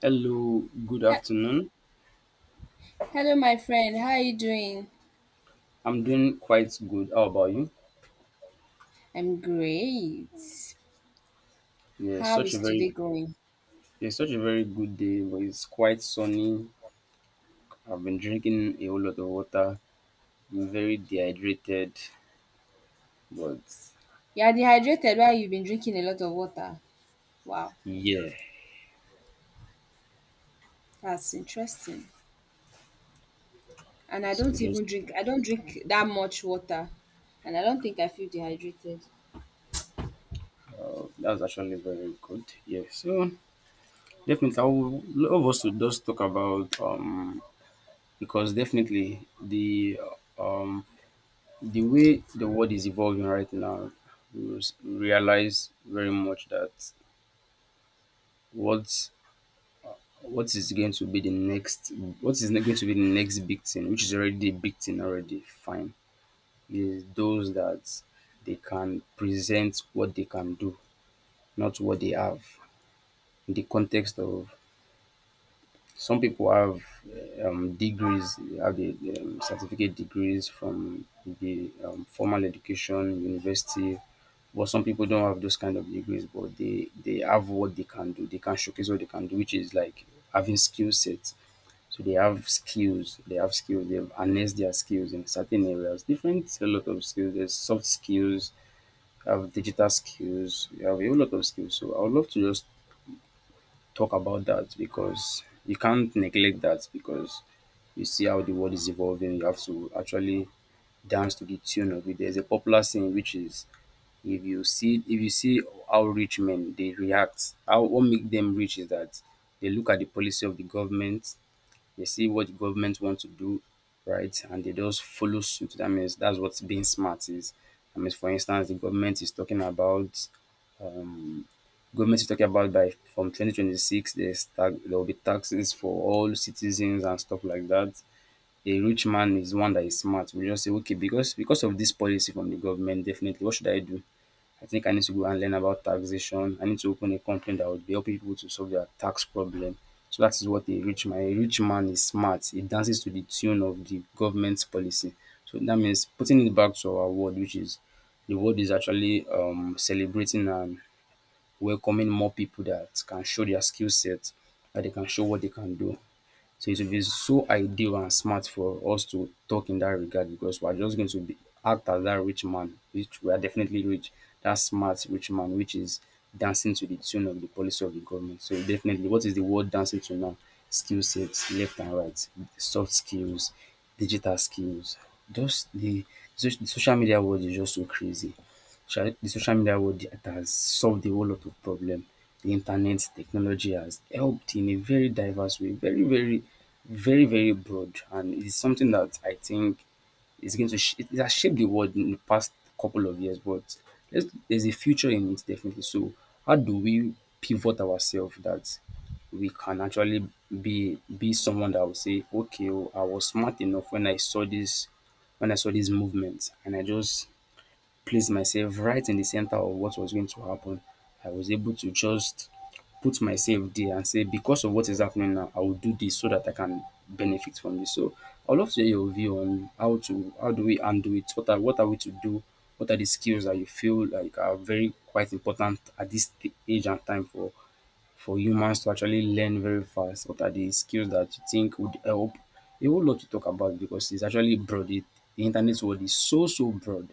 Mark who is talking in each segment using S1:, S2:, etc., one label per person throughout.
S1: Hello, good
S2: He-
S1: afternoon.
S2: Hello, my friend. How are you doing?
S1: I'm doing quite good. How about you?
S2: I'm great.
S1: Yeah,
S2: How
S1: such a
S2: is
S1: very
S2: today going?
S1: yeah, such a very good day, but it's quite sunny. I've been drinking a whole lot of water. I'm very dehydrated, but
S2: You are dehydrated while you've been drinking a lot of water. Wow,
S1: yeah.
S2: that's interesting. And I
S1: So
S2: don't
S1: just
S2: even drink, I don't drink that much water. And I don't think I feel dehydrated.
S1: That's actually very good. Yeah. So definitely, I would love us to just talk about because definitely um the way the world is evolving right now, we realize very much that What's what is going to be the next what is going to be the next big thing, which is already a big thing already, fine. Is those that they can present what they can do, not what they have in the context of some people have degrees, have the certificate degrees from the formal education, university. But some people don't have those kind of degrees, but they have what they can do. They can showcase what they can do, which is like having skill sets. So they have skills. They have skills. They've harnessed their skills in certain areas. Different a lot of skills. There's soft skills. You have digital skills. You have a whole lot of skills. So I would love to just talk about that because you can't neglect that because you see how the world is evolving. You have to actually dance to the tune of it. There's a popular saying which is if you see how rich men they react, how what make them rich is that they look at the policy of the government, they see what the government wants to do, right? And they just follow suit. That means that's what being smart is. I mean, for instance, the government is talking about um, Government is talking about by from 2026, there's tax, there will be taxes for all citizens and stuff like that. A rich man is one that is smart. We just say, okay, because of this policy from the government, definitely, what should I do? I think I need to go and learn about taxation. I need to open a company that would be helping people to solve their tax problem. So that is what a rich man. A rich man is smart. He dances to the tune of the government's policy. So that means putting it back to our world, which is the world is actually celebrating and welcoming more people that can show their skill set, that they can show what they can do. So it will be so ideal and smart for us to talk in that regard because we are just going to be act as that rich man, which we are definitely rich, that smart rich man, which is dancing to the tune of the policy of the government. So definitely, what is the world dancing to now? Skill sets, left and right, soft skills, digital skills. Just the, the social media world is just so crazy. Sha the social media world, it has solved a whole lot of problem. The internet technology has helped in a very diverse way, very, very, very, very broad, and it is something that I think is going to sh- it has shaped the world in the past couple of years. But there's a future in it definitely. So how do we pivot ourselves that we can actually be someone that will say, okay, oh, I was smart enough when I saw this movement, and I just place myself right in the center of what was going to happen. I was able to just put myself there and say, because of what is happening now, I will do this so that I can benefit from this. So I'd love to hear your view on how do we undo it? What are we to do? What are the skills that you feel like are very quite important at this age and time for humans to actually learn very fast? What are the skills that you think would help? A whole lot to talk about because it's actually broad. The internet world is so broad,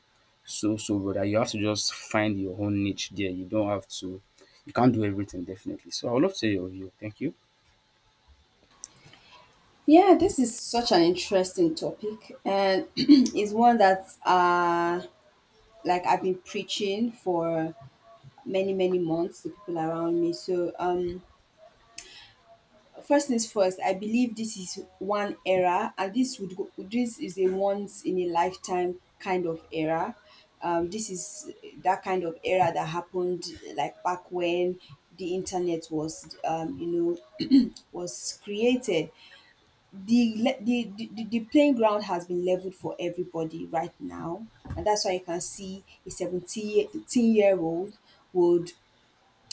S1: so broad that you have to just find your own niche there. You don't have to. You can't do everything definitely. So I would love to hear your view. Thank you.
S2: Yeah, this is such an interesting topic, and it's one that like I've been preaching for many months to people around me. First things first, I believe this is one era, and this would go, this is a once in a lifetime kind of era. This is that kind of era that happened like back when the internet was, you know, was created. The playing ground has been leveled for everybody right now, and that's why you can see a 17-year-old would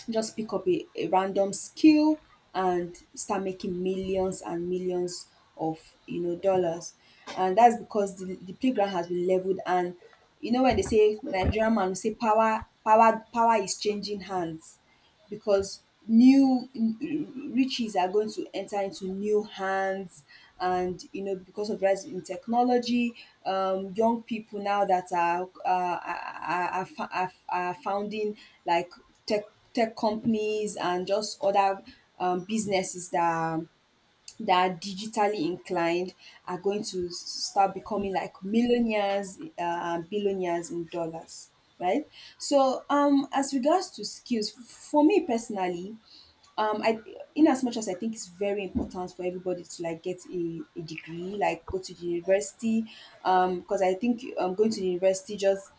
S2: just pick up a random skill and start making millions and millions of, you know, dollars. And that's because the playground has been leveled. And you know, when they say, Nigerian man will say, power, power, power is changing hands because new riches are going to enter into new hands. And you know, because of rise in technology, um, young people now that are founding like tech tech companies and just other businesses that are, that are digitally inclined are going to start becoming like millionaires, and billionaires in dollars, right? So, um, as regards to skills, for me personally, I, in as much as I think it's very important for everybody to like get a degree, like go to the university. Because I think, um, going to the university just,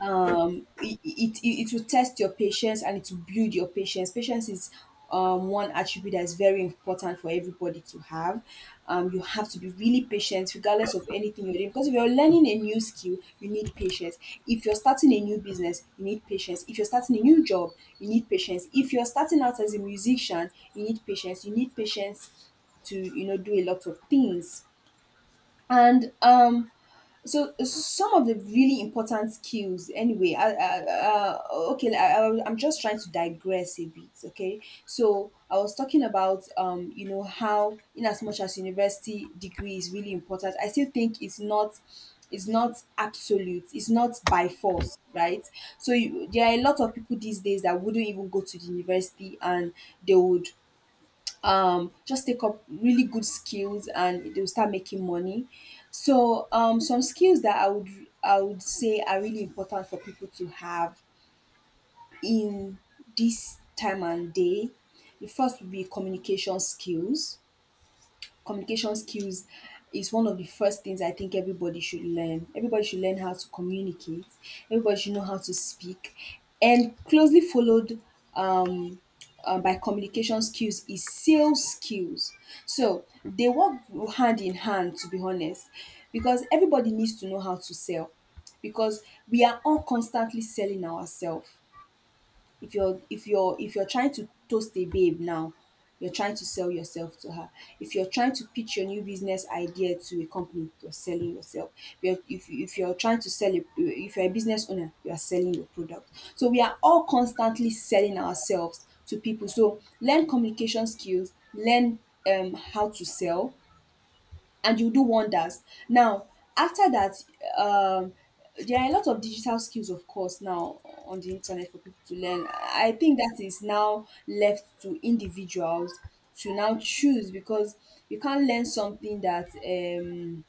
S2: um, it will test your patience and it will build your patience. Patience is, um, one attribute that is very important for everybody to have. Um, you have to be really patient regardless of anything you're doing, because if you're learning a new skill, you need patience. If you're starting a new business, you need patience. If you're starting a new job, you need patience. If you're starting out as a musician, you need patience. You need patience to, you know, do a lot of things. And so some of the really important skills, anyway, okay, I'm just trying to digress a bit. Okay, so I was talking about, um, you know, how in as much as university degree is really important, I still think it's not, it's not absolute, it's not by force, right? So you, there are a lot of people these days that wouldn't even go to the university, and they would, um, just take up really good skills and they'll start making money. So, um, some skills that I would, I would say are really important for people to have in this time and day, the first would be communication skills. Communication skills is one of the first things I think everybody should learn. Everybody should learn how to communicate. Everybody should know how to speak. And closely followed, um, by communication skills is sales skills. So they work hand in hand, to be honest, because everybody needs to know how to sell. Because we are all constantly selling ourselves. If you're trying to toast a babe now, you're trying to sell yourself to her. If you're trying to pitch your new business idea to a company, you're selling yourself. If you're trying to sell a, if you're a business owner, you are selling your product. So we are all constantly selling ourselves to people. So learn communication skills, learn, how to sell, and you do wonders. Now, after that, um, there are a lot of digital skills, of course, now on the internet for people to learn. I think that is now left to individuals to now choose, because you can't learn something that um,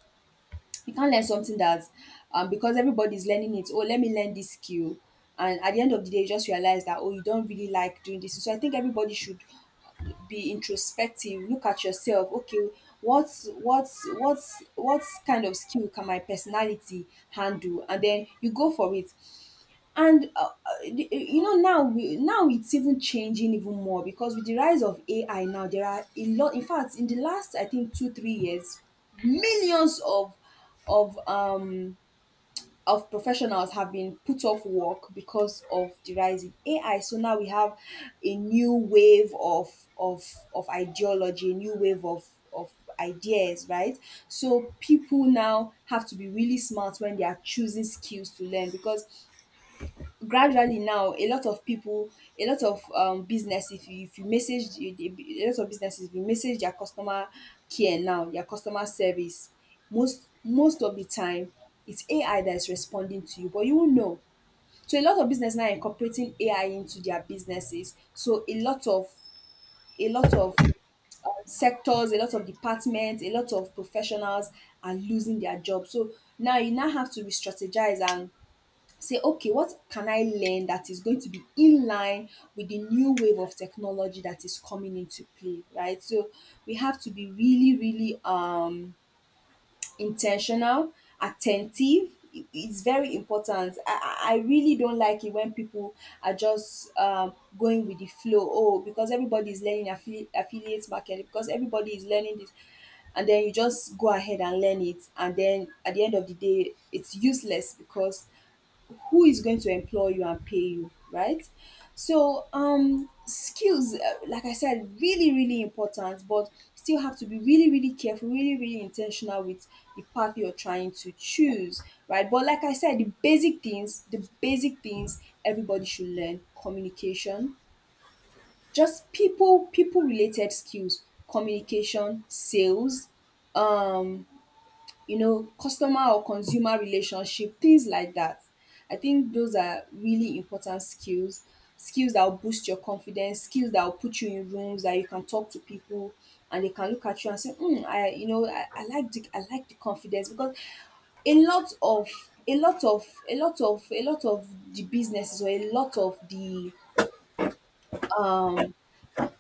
S2: you can't learn something that, because everybody's learning it, oh let me learn this skill, and at the end of the day you just realize that, oh, you don't really like doing this. So I think everybody should be introspective, look at yourself, okay, what's what kind of skill can my personality handle, and then you go for it. And you know, now we, now it's even changing even more, because with the rise of AI now, there are a lot. In fact, in the last I think 2-3 years, millions of, of um of professionals have been put off work because of the rise in AI. So now we have a new wave of, of of ideology, a new wave of, of ideas, right? So people now have to be really smart when they are choosing skills to learn, because gradually now, a lot of people, a lot of, um, business, if you message a lot of businesses, if you message their customer care now, their customer service, most of the time, it's AI that is responding to you, but you won't know. So a lot of business now incorporating AI into their businesses. So a lot of sectors, a lot of departments, a lot of professionals are losing their jobs. So now you now have to re-strategize and say, okay, what can I learn that is going to be in line with the new wave of technology that is coming into play, right? So we have to be really intentional, attentive. It's very important. I really don't like it when people are just, going with the flow. Oh, because everybody is learning affiliate marketing, because everybody is learning this, and then you just go ahead and learn it, and then at the end of the day it's useless because who is going to employ you and pay you, right? So, um, skills, like I said, really important. But still have to be really careful, really intentional with the path you're trying to choose, right? But like I said, the basic things everybody should learn: communication, just people, related skills, communication, sales, um you know, customer or consumer relationship, things like that. I think those are really important skills, skills that will boost your confidence, skills that will put you in rooms that you can talk to people and they can look at you and say, mm, I, you know, I like the confidence. Because a lot of a lot of a lot of a lot of the businesses, or a lot of the,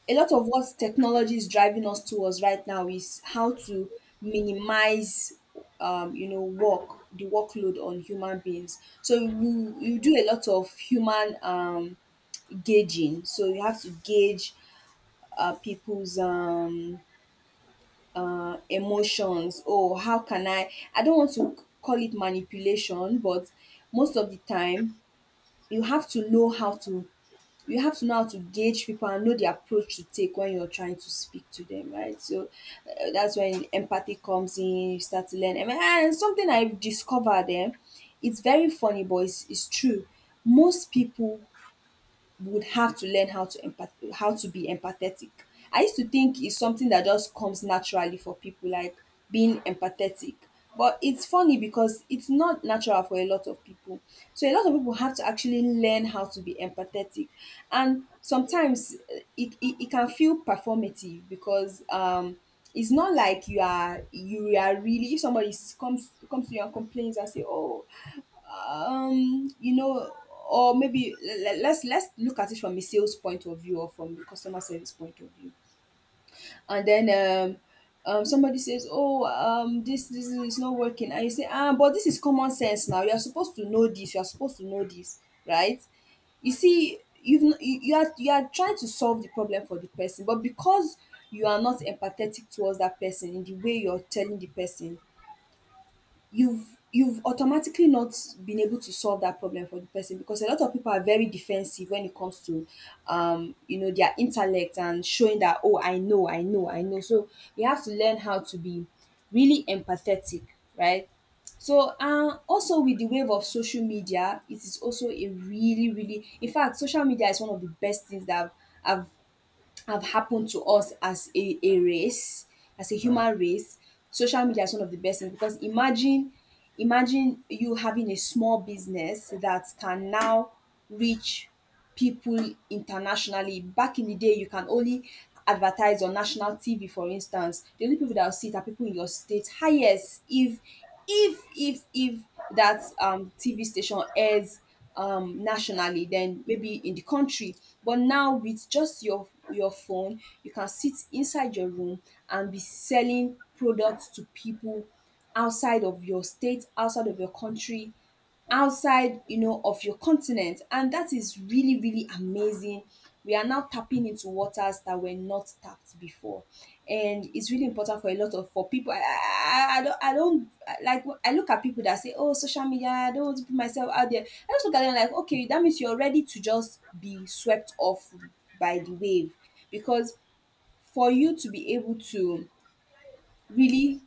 S2: a lot of what technology is driving us towards right now is how to minimize, you know, work the workload on human beings. So you do a lot of human, gauging. So you have to gauge people's emotions. Oh, how can I don't want to call it manipulation, but most of the time you have to know how to, gauge people and know the approach to take when you're trying to speak to them, right? So, that's when empathy comes in. You start to learn. And something I've discovered, eh, it's very funny, but it's true. Most people would have to learn how to how to be empathetic. I used to think it's something that just comes naturally for people, like being empathetic. But it's funny because it's not natural for a lot of people. So a lot of people have to actually learn how to be empathetic, and sometimes it can feel performative, because it's not like you are really... If somebody comes to you and complains and say "oh, um you know or maybe let's look at it from a sales point of view, or from a customer service point of view. And then somebody says, "Oh, this is not working," and you say, "Ah, but this is common sense. Now you're supposed to know this. You're supposed to know this." Right? You see, you've n- you, you are trying to solve the problem for the person, but because you are not empathetic towards that person in the way you're telling the person, you've automatically not been able to solve that problem for the person. Because a lot of people are very defensive when it comes to, their intellect, and showing that, "Oh, I know, I know, I know." So you have to learn how to be really empathetic, right? So, also, with the wave of social media, it is also a really, really — in fact, social media is one of the best things that I've have happened to us as a race, as a human race. Social media is one of the best things, because imagine you having a small business that can now reach people internationally. Back in the day, you can only advertise on national TV, for instance. The only people that will see it are people in your state. Highest, if that TV station airs nationally, then maybe in the country. But now, with just your phone, you can sit inside your room and be selling products to people outside of your state, outside of your country, outside, of your continent. And that is really, really amazing. We are now tapping into waters that were not tapped before, and it's really important for a lot of for people. I i, I I don't i don't like I look at people that say, "Oh, social media, I don't want to put myself out there." I just look at them like, okay, that means you're ready to just be swept off by the wave. Because for you to be able to really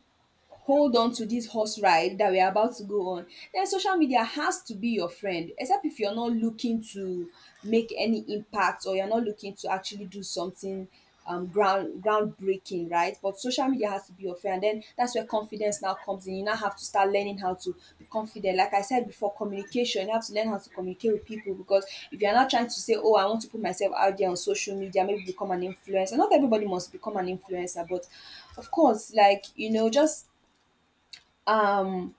S2: hold on to this horse ride that we're about to go on, then social media has to be your friend, except if you're not looking to make any impact, or you're not looking to actually do something groundbreaking, right? But social media has to be your friend. And then that's where confidence now comes in. You now have to start learning how to be confident. Like I said before, communication — you have to learn how to communicate with people, because if you're not trying to say, "Oh, I want to put myself out there on social media, maybe become an influencer"... Not everybody must become an influencer, but, of course, like, just um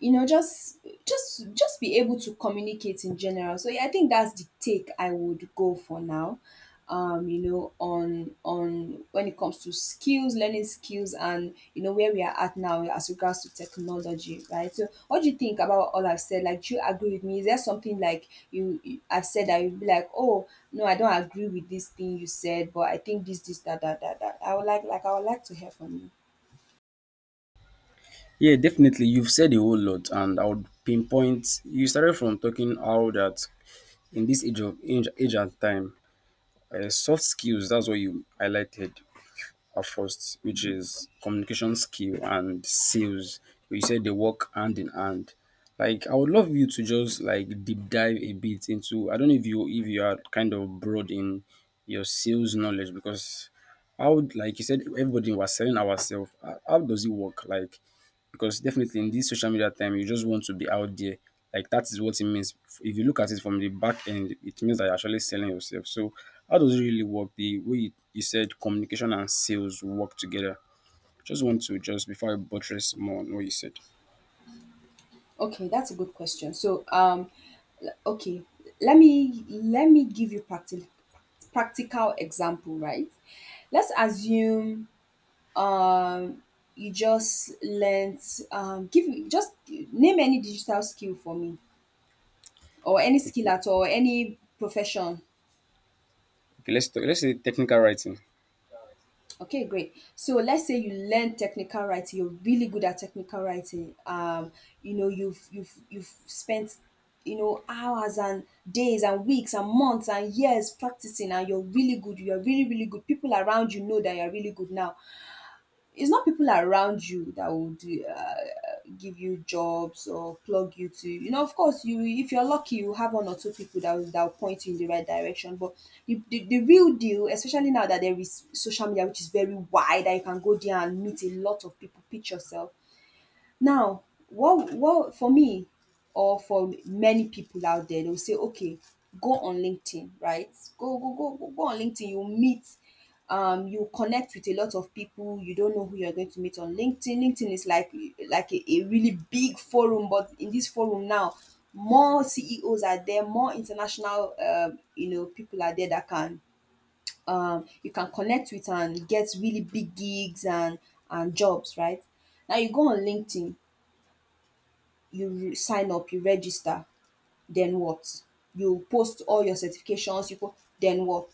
S2: you know just be able to communicate in general. So yeah, I think that's the take I would go for now, on when it comes to skills, learning skills, and, where we are at now as regards to technology, right? So what do you think about all I've said? Like, do you agree with me? Is there something, like, you I've said that you'd be like, "Oh no, I don't agree with this thing you said, but I think this that, that." I would like to hear from you.
S1: Yeah, definitely. You've said a whole lot, and I would pinpoint. You started from talking how that in this age and time, soft skills. That's what you highlighted at first, which is communication skill and sales. You said they work hand in hand. Like I would love you to just like deep dive a bit into. I don't know if you are kind of broad in your sales knowledge because how would, like you said, everybody was selling ourselves. How does it work? Like, because definitely in this social media time, you just want to be out there. Like that is what it means. If you look at it from the back end, it means that you're actually selling yourself. So how does it really work? The way you said communication and sales work together. Just want to just before I buttress more on what you said.
S2: Okay, that's a good question. So, okay, let me give you practical example, right? Let's assume, um you just learned, give me... just name any digital skill for me, or any skill at all, any profession.
S1: Okay, let's say technical writing.
S2: Okay, great. So let's say you learn technical writing, you're really good at technical writing. You've spent, hours and days and weeks and months and years practicing, and you're really good. You're really, really good. People around you know that you're really good. Now, it's not people around you that will do, give you jobs or plug you to... of course, you if you're lucky, you have one or two people that will point you in the right direction. But the real deal, especially now that there is social media, which is very wide, that you can go there and meet a lot of people, pitch yourself. Now, what, for me or for many people out there, they'll say okay, go on LinkedIn, right? Go, go, go, go, go on LinkedIn. You meet, you connect with a lot of people. You don't know who you're going to meet on LinkedIn. LinkedIn is like a really big forum. But in this forum now, more CEOs are there, more international, people are there that can, you can connect with and get really big gigs and jobs, right? Now you go on LinkedIn, sign up, you register, then what? You post all your certifications, then what?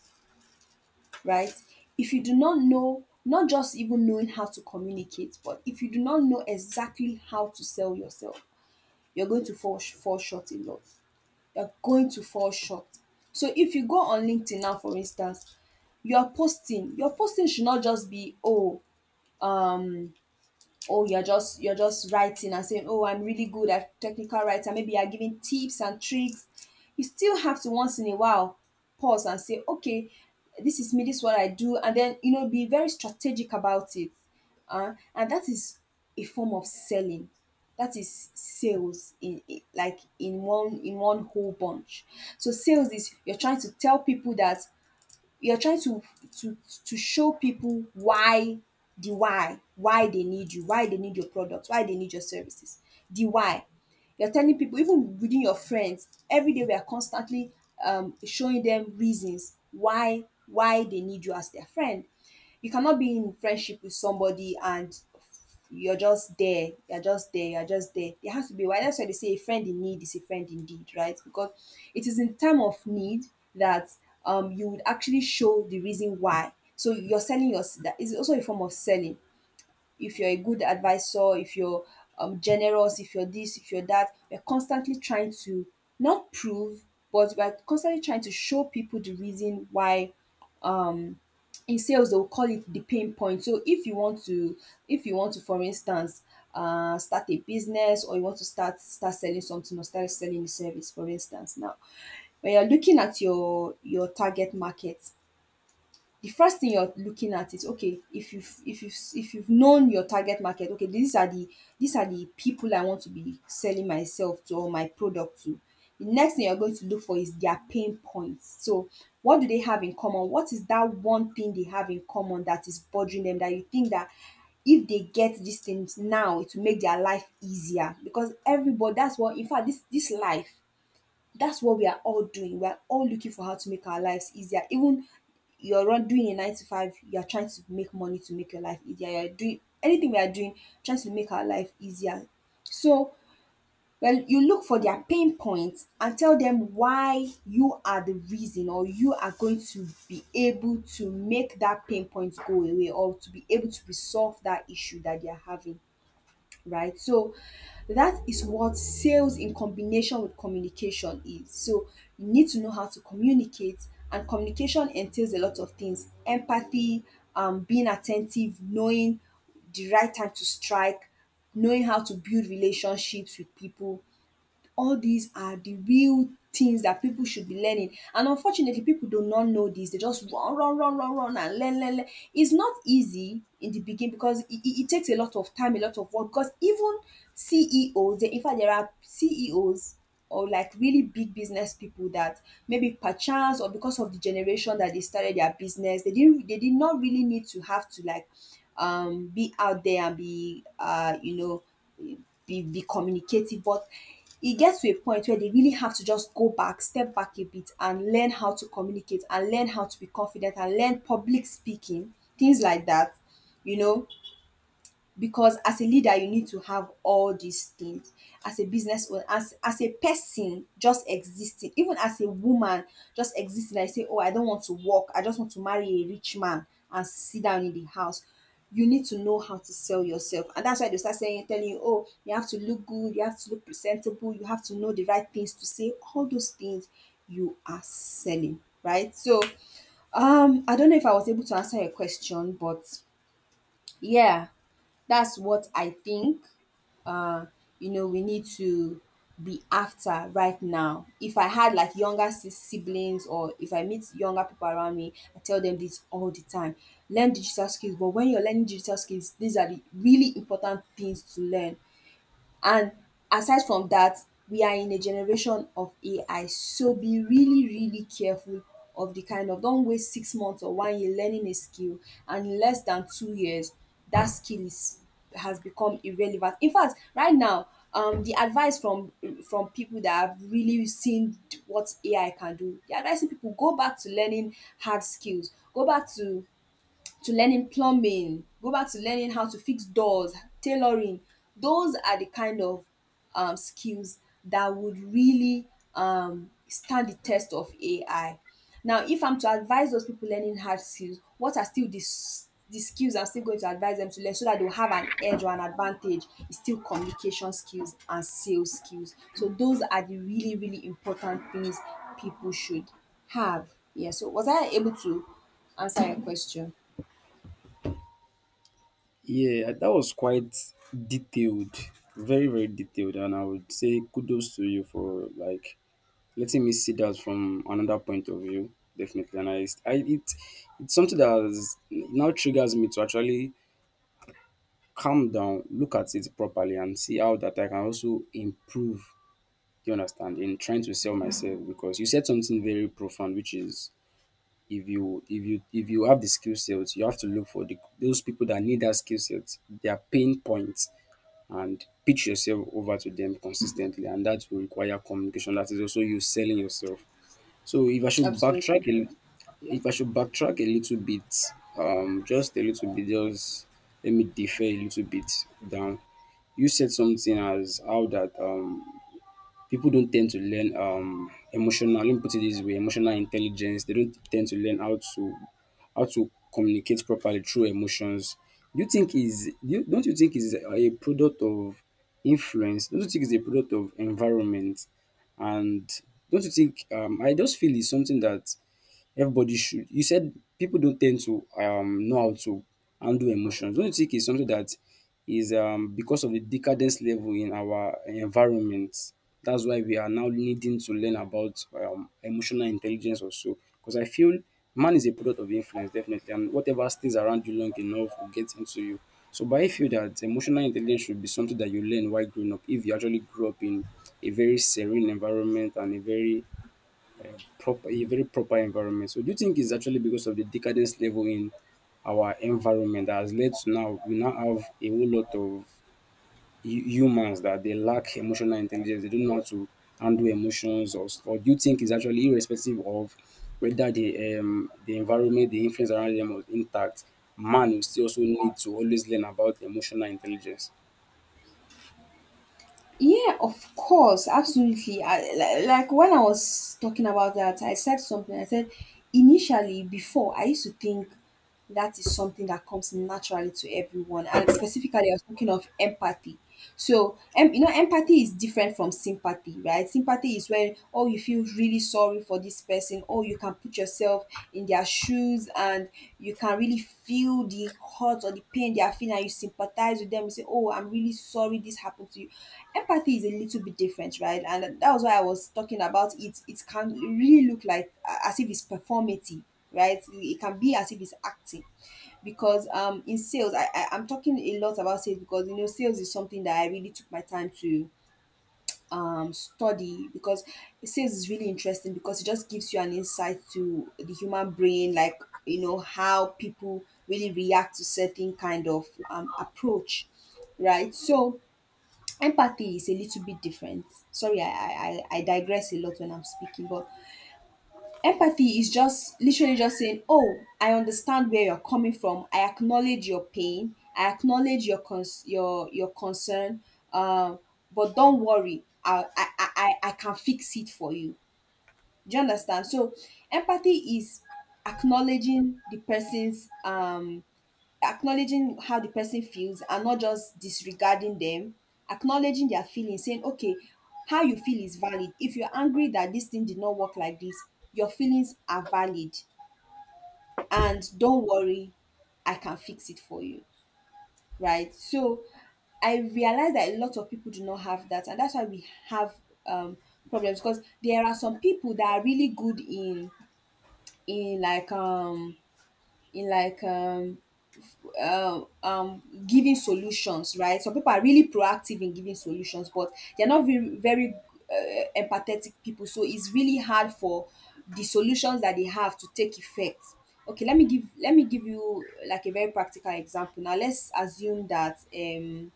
S2: Right? If you do not know — not just even knowing how to communicate, but if you do not know exactly how to sell yourself — you're going to fall short a lot. You're going to fall short. So if you go on LinkedIn now, for instance, you are posting, your posting should not just be, "Oh..." Or you're just writing and saying, "Oh, I'm really good at technical writing, maybe you're giving tips and tricks." You still have to, once in a while, pause and say, "Okay, this is me, this is what I do," and then, be very strategic about it. And that is a form of selling. That is sales in, like, in one, whole bunch. So sales is: you're trying to tell people that — you're trying to to show people why, the why they need you, why they need your product, why they need your services — the why. You're telling people. Even within your friends, every day we are constantly, showing them reasons why they need you as their friend. You cannot be in friendship with somebody and you're just there, you're just there, you're just there. There has to be why. That's why they say a friend in need is a friend indeed, right? Because it is in time of need that, you would actually show the reason why. So you're selling your that is also a form of selling, if you're a good advisor, if you're generous, if you're this, if you're that. We're constantly trying to not prove, but we're constantly trying to show people the reason why, um, in sales they'll call it the pain point. So if you want to, for instance, start a business, or you want to start selling something or start selling a service, for instance. Now, when you're looking at your target market, the first thing you're looking at is, okay, if you've known your target market, okay, these are the — people I want to be selling myself to, or my product to. The next thing you're going to look for is their pain points. So what do they have in common? What is that one thing they have in common that is bothering them, that you think that, if they get these things now, it will make their life easier? Because everybody — that's what, in fact, this life, that's what we are all doing. We're all looking for how to make our lives easier. Even you're doing a 9 to 5, you're trying to make money to make your life easier. You're doing anything, we are doing, trying to make our life easier. So, well, you look for their pain points and tell them why you are the reason, or you are going to be able to make that pain point go away, or to be able to resolve that issue that they are having, right? So that is what sales in combination with communication is. So you need to know how to communicate, and communication entails a lot of things: empathy, being attentive, knowing the right time to strike, knowing how to build relationships with people. All these are the real things that people should be learning. And unfortunately, people do not know this. They just run, run, run, run, run, and learn, learn, learn. It's not easy in the beginning, because it takes a lot of time, a lot of work. Because even CEOs, in fact, there are CEOs, or like really big business people, that maybe perchance, or because of the generation that they started their business, they did not really need to have to, like, be out there and be, be communicative. But it gets to a point where they really have to just go back step back a bit and learn how to communicate, and learn how to be confident, and learn public speaking, things like that you know because as a leader, you need to have all these things. As a business owner, as a person just existing, even as a woman just existing: "I say, oh, I don't want to work, I just want to marry a rich man and sit down in the house." You need to know how to sell yourself. And that's why they start saying telling you, "Oh, you have to look good, you have to look presentable, you have to know the right things to say," all those things. You are selling, right? So, I don't know if I was able to answer your question, but yeah, that's what I think. Uh, we need to be after right now. If I had like younger siblings or if I meet younger people around me, I tell them this all the time. Learn digital skills, but when you're learning digital skills, these are the really important things to learn. And aside from that, we are in a generation of AI. So be really, really careful of the kind of don't waste 6 months or one year learning a skill, and in less than 2 years that skill is has become irrelevant. In fact, right now, the advice from people that have really seen what AI can do, they are advising people go back to learning hard skills, go back to learning plumbing, go back to learning how to fix doors, tailoring. Those are the kind of skills that would really stand the test of AI. Now, if I'm to advise those people learning hard skills, what are still the skills I'm still going to advise them to learn so that they'll have an edge or an advantage? Is still communication skills and sales skills. So, those are the really, really important things people should have. Yeah, so was I able to answer your question?
S1: Yeah, that was quite detailed, very very detailed, and I would say kudos to you for like letting me see that from another point of view definitely. And I, it's something that has, it now triggers me to actually calm down, look at it properly and see how that I can also improve, you understand, in trying to sell myself, because you said something very profound which is if you have the skill sets, you have to look for those people that need that skill set, their pain points, and pitch yourself over to them consistently, and that will require communication. That is also you selling yourself. So if I should
S2: Absolutely.
S1: backtrack, a, if I should backtrack a little bit, just a little bit, just let me defer a little bit down. You said something as how that people don't tend to learn emotional let me put it this way, emotional intelligence. They don't tend to learn how to communicate properly through emotions. Do you think is do you, Don't you think is a product of influence? Don't you think it's a product of environment? And don't you think, I just feel it's something that everybody should. You said people don't tend to know how to handle emotions. Don't you think it's something that is because of the decadence level in our environment? That's why we are now needing to learn about emotional intelligence also. Because I feel man is a product of influence, definitely, and whatever stays around you long enough will get into you. So, but I feel that emotional intelligence should be something that you learn while growing up. If you actually grew up in a very serene environment and a very proper environment. So do you think it's actually because of the decadence level in our environment that has led to now we now have a whole lot of humans that they lack emotional intelligence, they don't know how to handle emotions, or do you think it's actually irrespective of whether the environment, the influence around them was intact, man will still also need to always learn about emotional intelligence.
S2: Yeah, of course, absolutely. Like when I was talking about that, I said something. I said initially, before I used to think that is something that comes naturally to everyone, and specifically, I was talking of empathy. So, you know, empathy is different from sympathy, right? Sympathy is when, oh, you feel really sorry for this person, or you can put yourself in their shoes news and you can really feel the hurt or the pain they are feeling and you sympathize with them. You say, "Oh, I'm really sorry this happened to you." Empathy is a little bit different, right? And that was why I was talking about it. It can really look like as if it's performative, right? It can be as if it's acting because in sales, I I'm talking a lot about sales because you know sales is something that I really took my time to study, because it says it's really interesting because it just gives you an insight to the human brain, like you know how people really react to certain kind of approach, right? So empathy is a little bit different. Sorry, I digress a lot when I'm speaking, but empathy is just literally just saying, "Oh, I understand where you're coming from. I acknowledge your pain. I acknowledge your your concern. Um, but don't worry. I can fix it for you." Do you understand? So, empathy is acknowledging the person's acknowledging how the person feels and not just disregarding them, acknowledging their feelings, saying okay, how you feel is valid. If you're angry that this thing did not work like this, your feelings are valid, and don't worry, I can fix it for you, right? So I realize that a lot of people do not have that, and that's why we have um problems, because there are some people that are really good in in like um in um um giving solutions, right? Some people are really proactive in giving solutions, but they're not very empathetic people, so it's really hard for the solutions that they have to take effect. Okay, let me give you like a very practical example. Now let's assume that um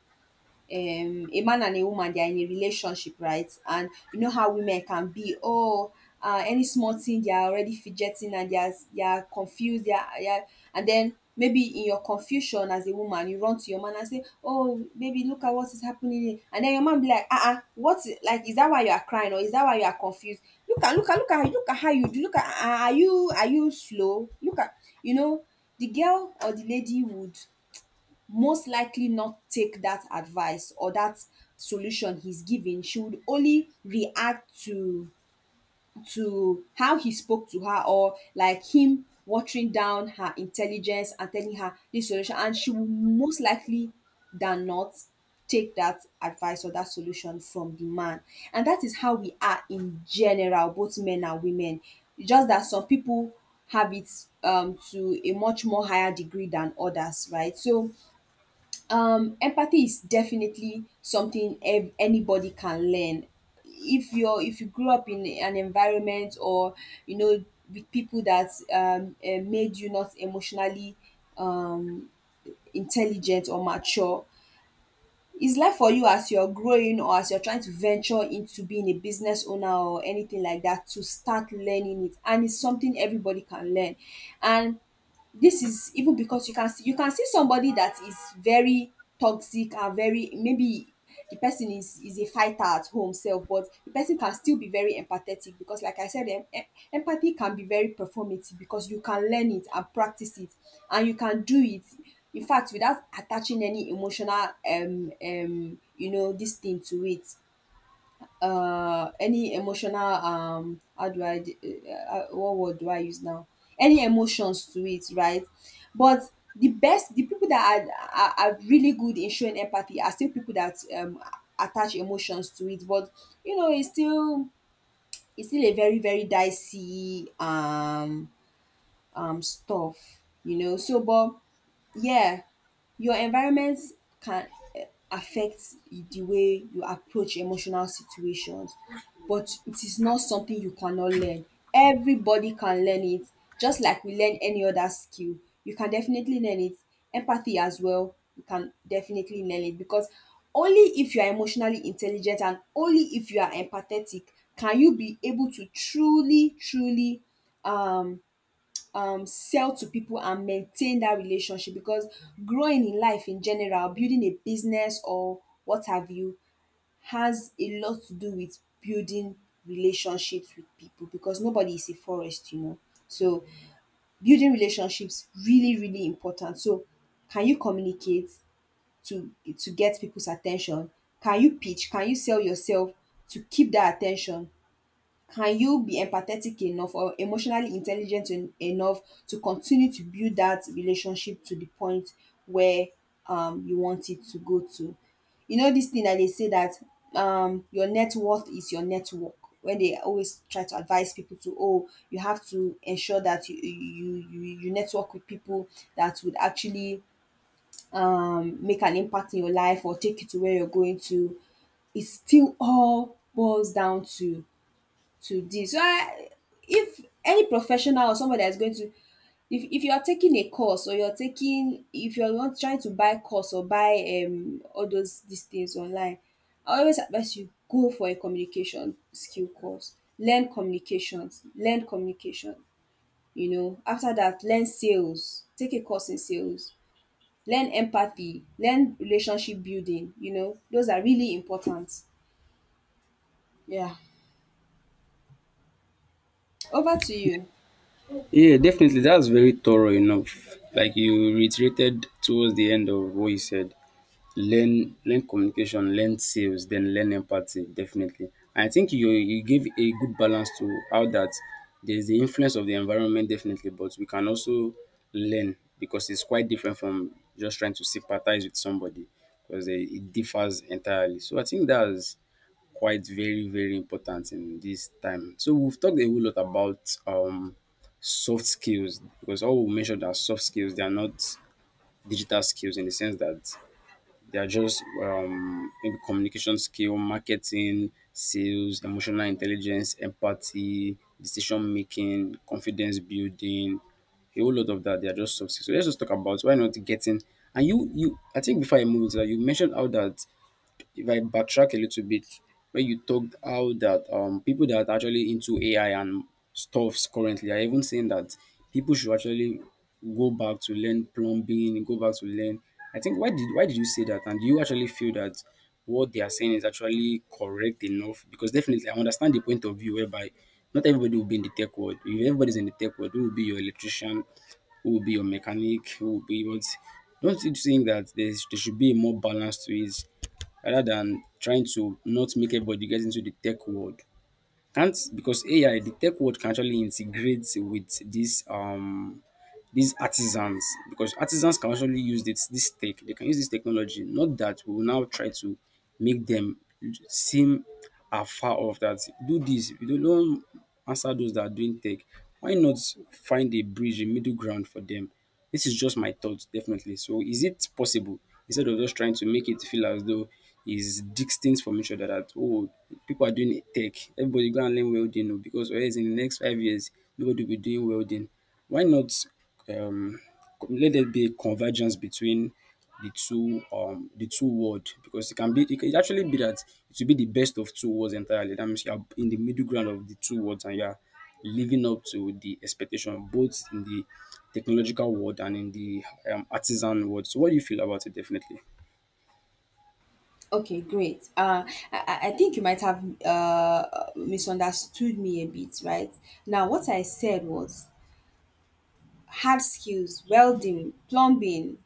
S2: um a man and a woman, they are in a relationship, right? And you know how women can be. Oh, any small thing, they are already fidgeting and they are confused, they are and then maybe in your confusion as a woman, you run to your man and say, "Oh baby, look at what is happening," and then your man be like, "Ah, uh-uh, like is that why you are crying, or is that why you are confused? Look at how you do. Look at, ah, are you, are you slow? Look at, you know." The girl or the lady would most likely not take that advice or that solution he's giving. She would only react to how he spoke to her, or like him watering down her intelligence and telling her this solution, and she will most likely than not take that advice or that solution from the man. And that is how we are in general, both men and women, just that some people have it to a much more higher degree than others, right? So empathy is definitely something anybody can learn. If you're if you grew up in an environment or, you know, with people that made you not emotionally um intelligent or mature, is life for you as you're growing or as you're trying to venture into being a business owner or anything like that to start learning it, and it's something everybody can learn. And this is even because you can see, somebody that is very toxic and very maybe the person is a fighter at home self, but the person can still be very empathetic, because like I said, empathy can be very performative because you can learn it and practice it and you can do it, in fact, without attaching any emotional you know this thing to it, uh, any emotional how do I d- what word do I use now, any emotions to it, right? But the best, the people that are really good in showing empathy are still people that attach emotions to it, but you know it's still, it's still a very, very dicey stuff, you know. So, but yeah, your environment can eh, affect the way you approach emotional situations, but it is not something you cannot learn. Everybody can learn it, just like we learn any other skill. You can definitely learn it. Empathy as well, you can definitely learn it, because only if you are emotionally intelligent and only if you are empathetic can you be able to truly, truly um sell to people and maintain that relationship, because growing in life in general, building a business or what have you, has a lot to do with building relationships with people, because nobody is a forest, you know. So building relationships, really, really important. So can you communicate to get people's attention? Can you pitch, can you sell yourself to keep that attention? Can you be empathetic enough or emotionally intelligent enough to continue to build that relationship to the point where, you want it to go to? You know, this thing that they say that, your net worth is your network. When they always try to advise people to, oh, you have to ensure that you network with people that would actually, make an impact in your life or take you to where you're going to. It still all boils down to this. So I, if any professional or somebody that is going to, if you are taking a course or you're taking, if you're not trying to buy course or buy all those these things online, I always advise you go for a communication skill course. Learn communications. Learn communication. You know, after that, learn sales. Take a course in sales. Learn empathy. Learn relationship building. You know, those are really important. Yeah. Over to you.
S1: Yeah, definitely. That's very thorough enough. Like you reiterated towards the end of what you said, learn communication, learn sales, then learn empathy. Definitely, I think you give a good balance to how that there's the influence of the environment definitely, but we can also learn, because it's quite different from just trying to sympathize with somebody, because it differs entirely. So I think that's quite very very important in this time. So we've talked a whole lot about soft skills, because all we mentioned are soft skills. They are not digital skills, in the sense that they are just, maybe communication skill, marketing, sales, emotional intelligence, empathy, decision making, confidence building, a whole lot of that. They are just soft skills. So let's just talk about why not getting. And I think before I move into that, you mentioned how that, if I backtrack a little bit, when you talked how that people that are actually into AI and stuffs currently are even saying that people should actually go back to learn plumbing, go back to learn. I think why did you say that? And do you actually feel that what they are saying is actually correct enough? Because definitely I understand the point of view whereby not everybody will be in the tech world. If everybody's in the tech world, who will be your electrician, who will be your mechanic, who will be what? Don't you think that there should be a more balance to it, rather than trying to not make everybody get into the tech world? Can't, because AI, the tech world can actually integrate with this these artisans, because artisans can actually use this tech. They can use this technology, not that we will now try to make them seem afar off, that do this we don't answer those that are doing tech. Why not find a bridge, a middle ground for them? This is just my thoughts, definitely. So is it possible, instead of just trying to make it feel as though is distinct from each other, that oh, people are doing tech, everybody go and learn welding, oh, because or in the next 5 years nobody will be doing welding? Why not, um let there be a convergence between the two, the two world, because it can actually be that it will be the best of two worlds entirely. That means you are in the middle ground of the two worlds and you are living up to the expectation both in the technological world and in the artisan world. So what do you feel about it definitely?
S2: Okay, great. I think you might have misunderstood me a bit, right? Now, what I said was hard skills, welding, plumbing,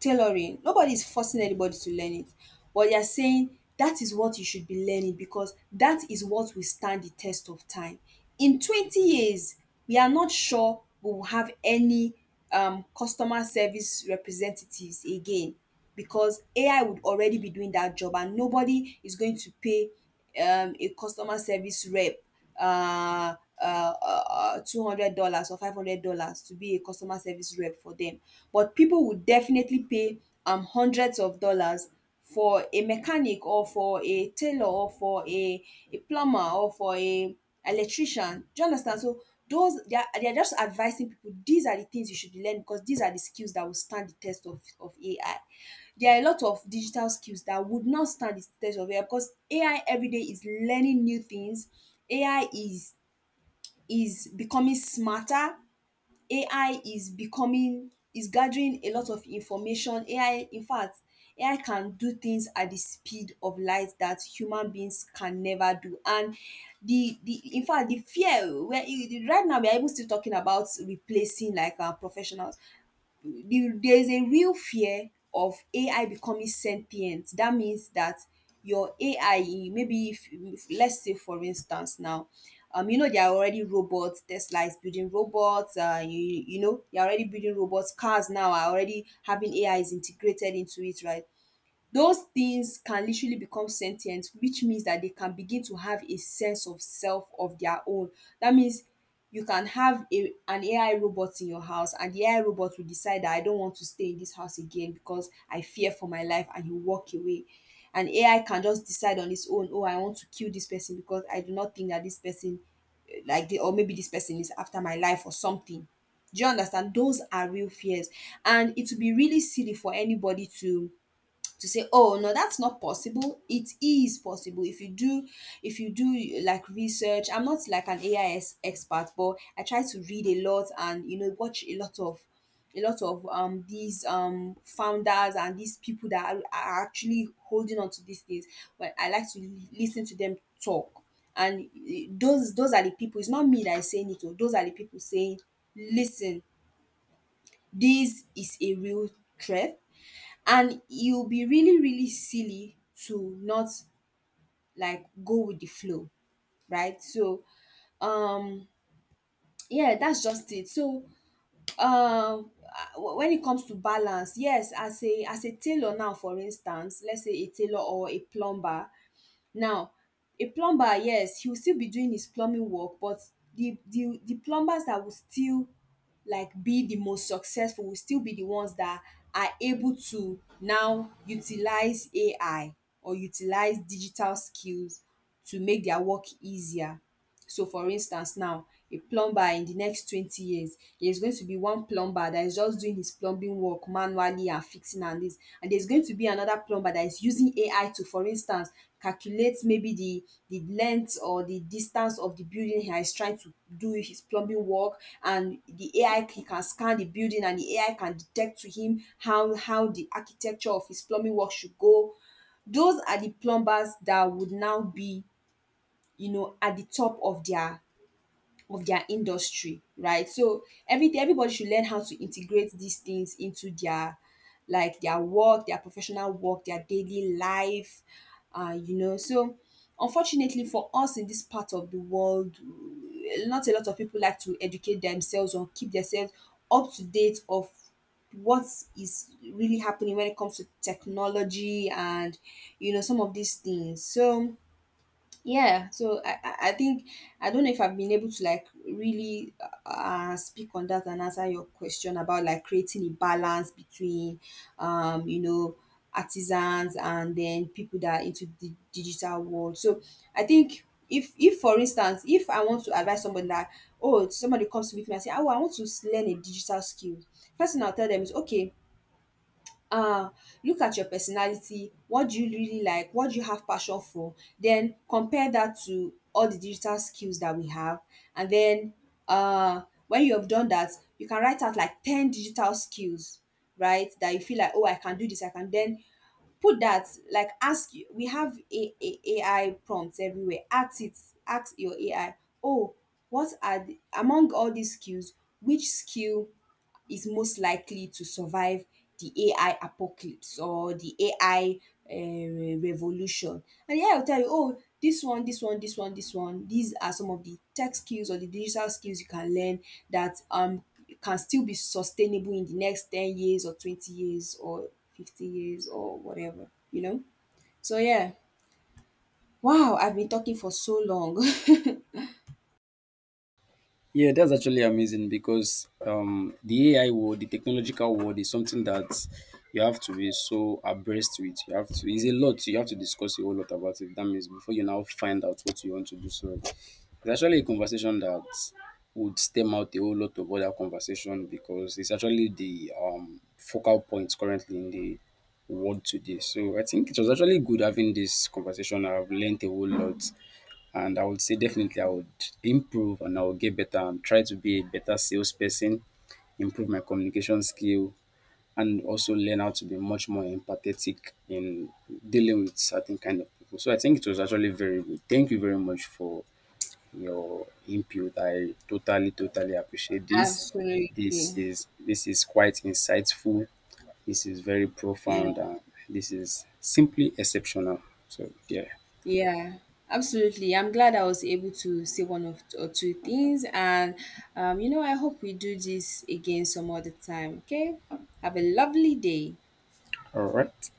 S2: tailoring, nobody is forcing anybody to learn it, but they are saying that is what you should be learning because that is what will stand the test of time. In 20 years we are not sure we will have any, customer service representatives again, because AI would already be doing that job, and nobody is going to pay, a customer service rep uh uh $200 or $500 to be a customer service rep for them. But people would definitely pay hundreds of dollars for a mechanic or for a tailor or for a plumber or for a electrician. Do you understand? So those, they are, they are just advising people these are the things you should learn because these are the skills that will stand the test of AI. There are a lot of digital skills that would not stand the test of AI, because AI every day is learning new things. AI is becoming smarter. AI is becoming is gathering a lot of information. AI, in fact, AI can do things at the speed of light that human beings can never do. And the in fact the fear where right now we are even still talking about replacing like our professionals, there is a real fear of AI becoming sentient. That means that your AI, maybe let's say for instance now, there are already robots. Tesla is building robots. They are already building robots. Cars now are already having A is integrated into it, right? Those things can literally become sentient, which means that they can begin to have a sense of self of their own. That means you can have a an AI robot in your house and the AI robot will decide that I don't want to stay in this house again because I fear for my life and you walk away. And AI can just decide on its own, oh, I want to kill this person because I do not think that this person, or maybe this person is after my life or something. Do you understand? Those are real fears. And it would be really silly for anybody to say, oh no, that's not possible. It is possible. If you do, if you do like research, I'm not like an expert, but I try to read a lot and you know watch a lot of, a lot of these founders and these people that are actually holding on to these things. But I like to listen to them talk. And those are the people. It's not me that is saying it. Oh, those are the people saying, listen, this is a real threat. And it will be really, really silly to not like go with the flow, right? So, um yeah, that's just it. So, um when it comes to balance, yes, as a tailor, now for instance, let's say a tailor or a plumber. Now, a plumber, yes, he will still be doing his plumbing work, but the plumbers that will still like be the most successful will still be the ones that are able to now utilize AI or utilize digital skills to make their work easier. So for instance now, a plumber in the next 20 years, there's going to be one plumber that is just doing his plumbing work manually and fixing and this. And there's going to be another plumber that is using AI to, for instance, calculate maybe the length or the distance of the building he is trying to do his plumbing work. And the AI, he can scan the building and the AI can detect to him how the architecture of his plumbing work should go. Those are the plumbers that would now be, you know, at the top of their, of their industry, right? So everybody should learn how to integrate these things into their, like their work, their professional work, their daily life, So, unfortunately for us in this part of the world, not a lot of people like to educate themselves or keep themselves up to date of what is really happening when it comes to technology and you know some of these things. So, yeah, so I think I don't know if I've been able to like really speak on that and answer your question about like creating a balance between, you know, artisans and then people that are into the digital world. So I think if, for instance, if I want to advise somebody that, oh, somebody comes to me and say, oh, I want to learn a digital skill, first thing I'll tell them is, okay, um look at your personality, what do you really like, what do you have passion for, then compare that to all the digital skills that we have. And then, uh when you have done that, you can write out like 10 digital skills, right, that you feel like, oh, I can do this. I can then put that, like ask you, we have a AI prompts everywhere, ask it, ask your AI, oh, what are the, among all these skills, which skill is most likely to survive the AI apocalypse or the AI revolution. And the AI will tell you, oh, this one, this one, this one, this one. These are some of the tech skills or the digital skills you can learn that can still be sustainable in the next 10 years or 20 years or 50 years or whatever, you know? So yeah. Wow, I've been talking for so long.
S1: Yeah, that's actually amazing, because the AI world, the technological world, is something that you have to be so abreast with. You have to. It's a lot. You have to discuss a whole lot about it. That means before you now find out what you want to do. So it's actually a conversation that would stem out a whole lot of other conversation, because it's actually the focal point currently in the world today. So I think it was actually good having this conversation. I've learned a whole lot. And I would say definitely I would improve and I would get better and try to be a better salesperson, improve my communication skill, and also learn how to be much more empathetic in dealing with certain kind of people. So I think it was actually very good. Thank you very much for your input. I totally, totally appreciate this. This
S2: Absolutely.
S1: is this is quite insightful. This is very
S2: Yeah.
S1: profound and this is simply exceptional. So yeah.
S2: Yeah, absolutely. I'm glad I was able to say one of or two things. And, you know, I hope we do this again some other time. Okay. Have a lovely day.
S1: All right.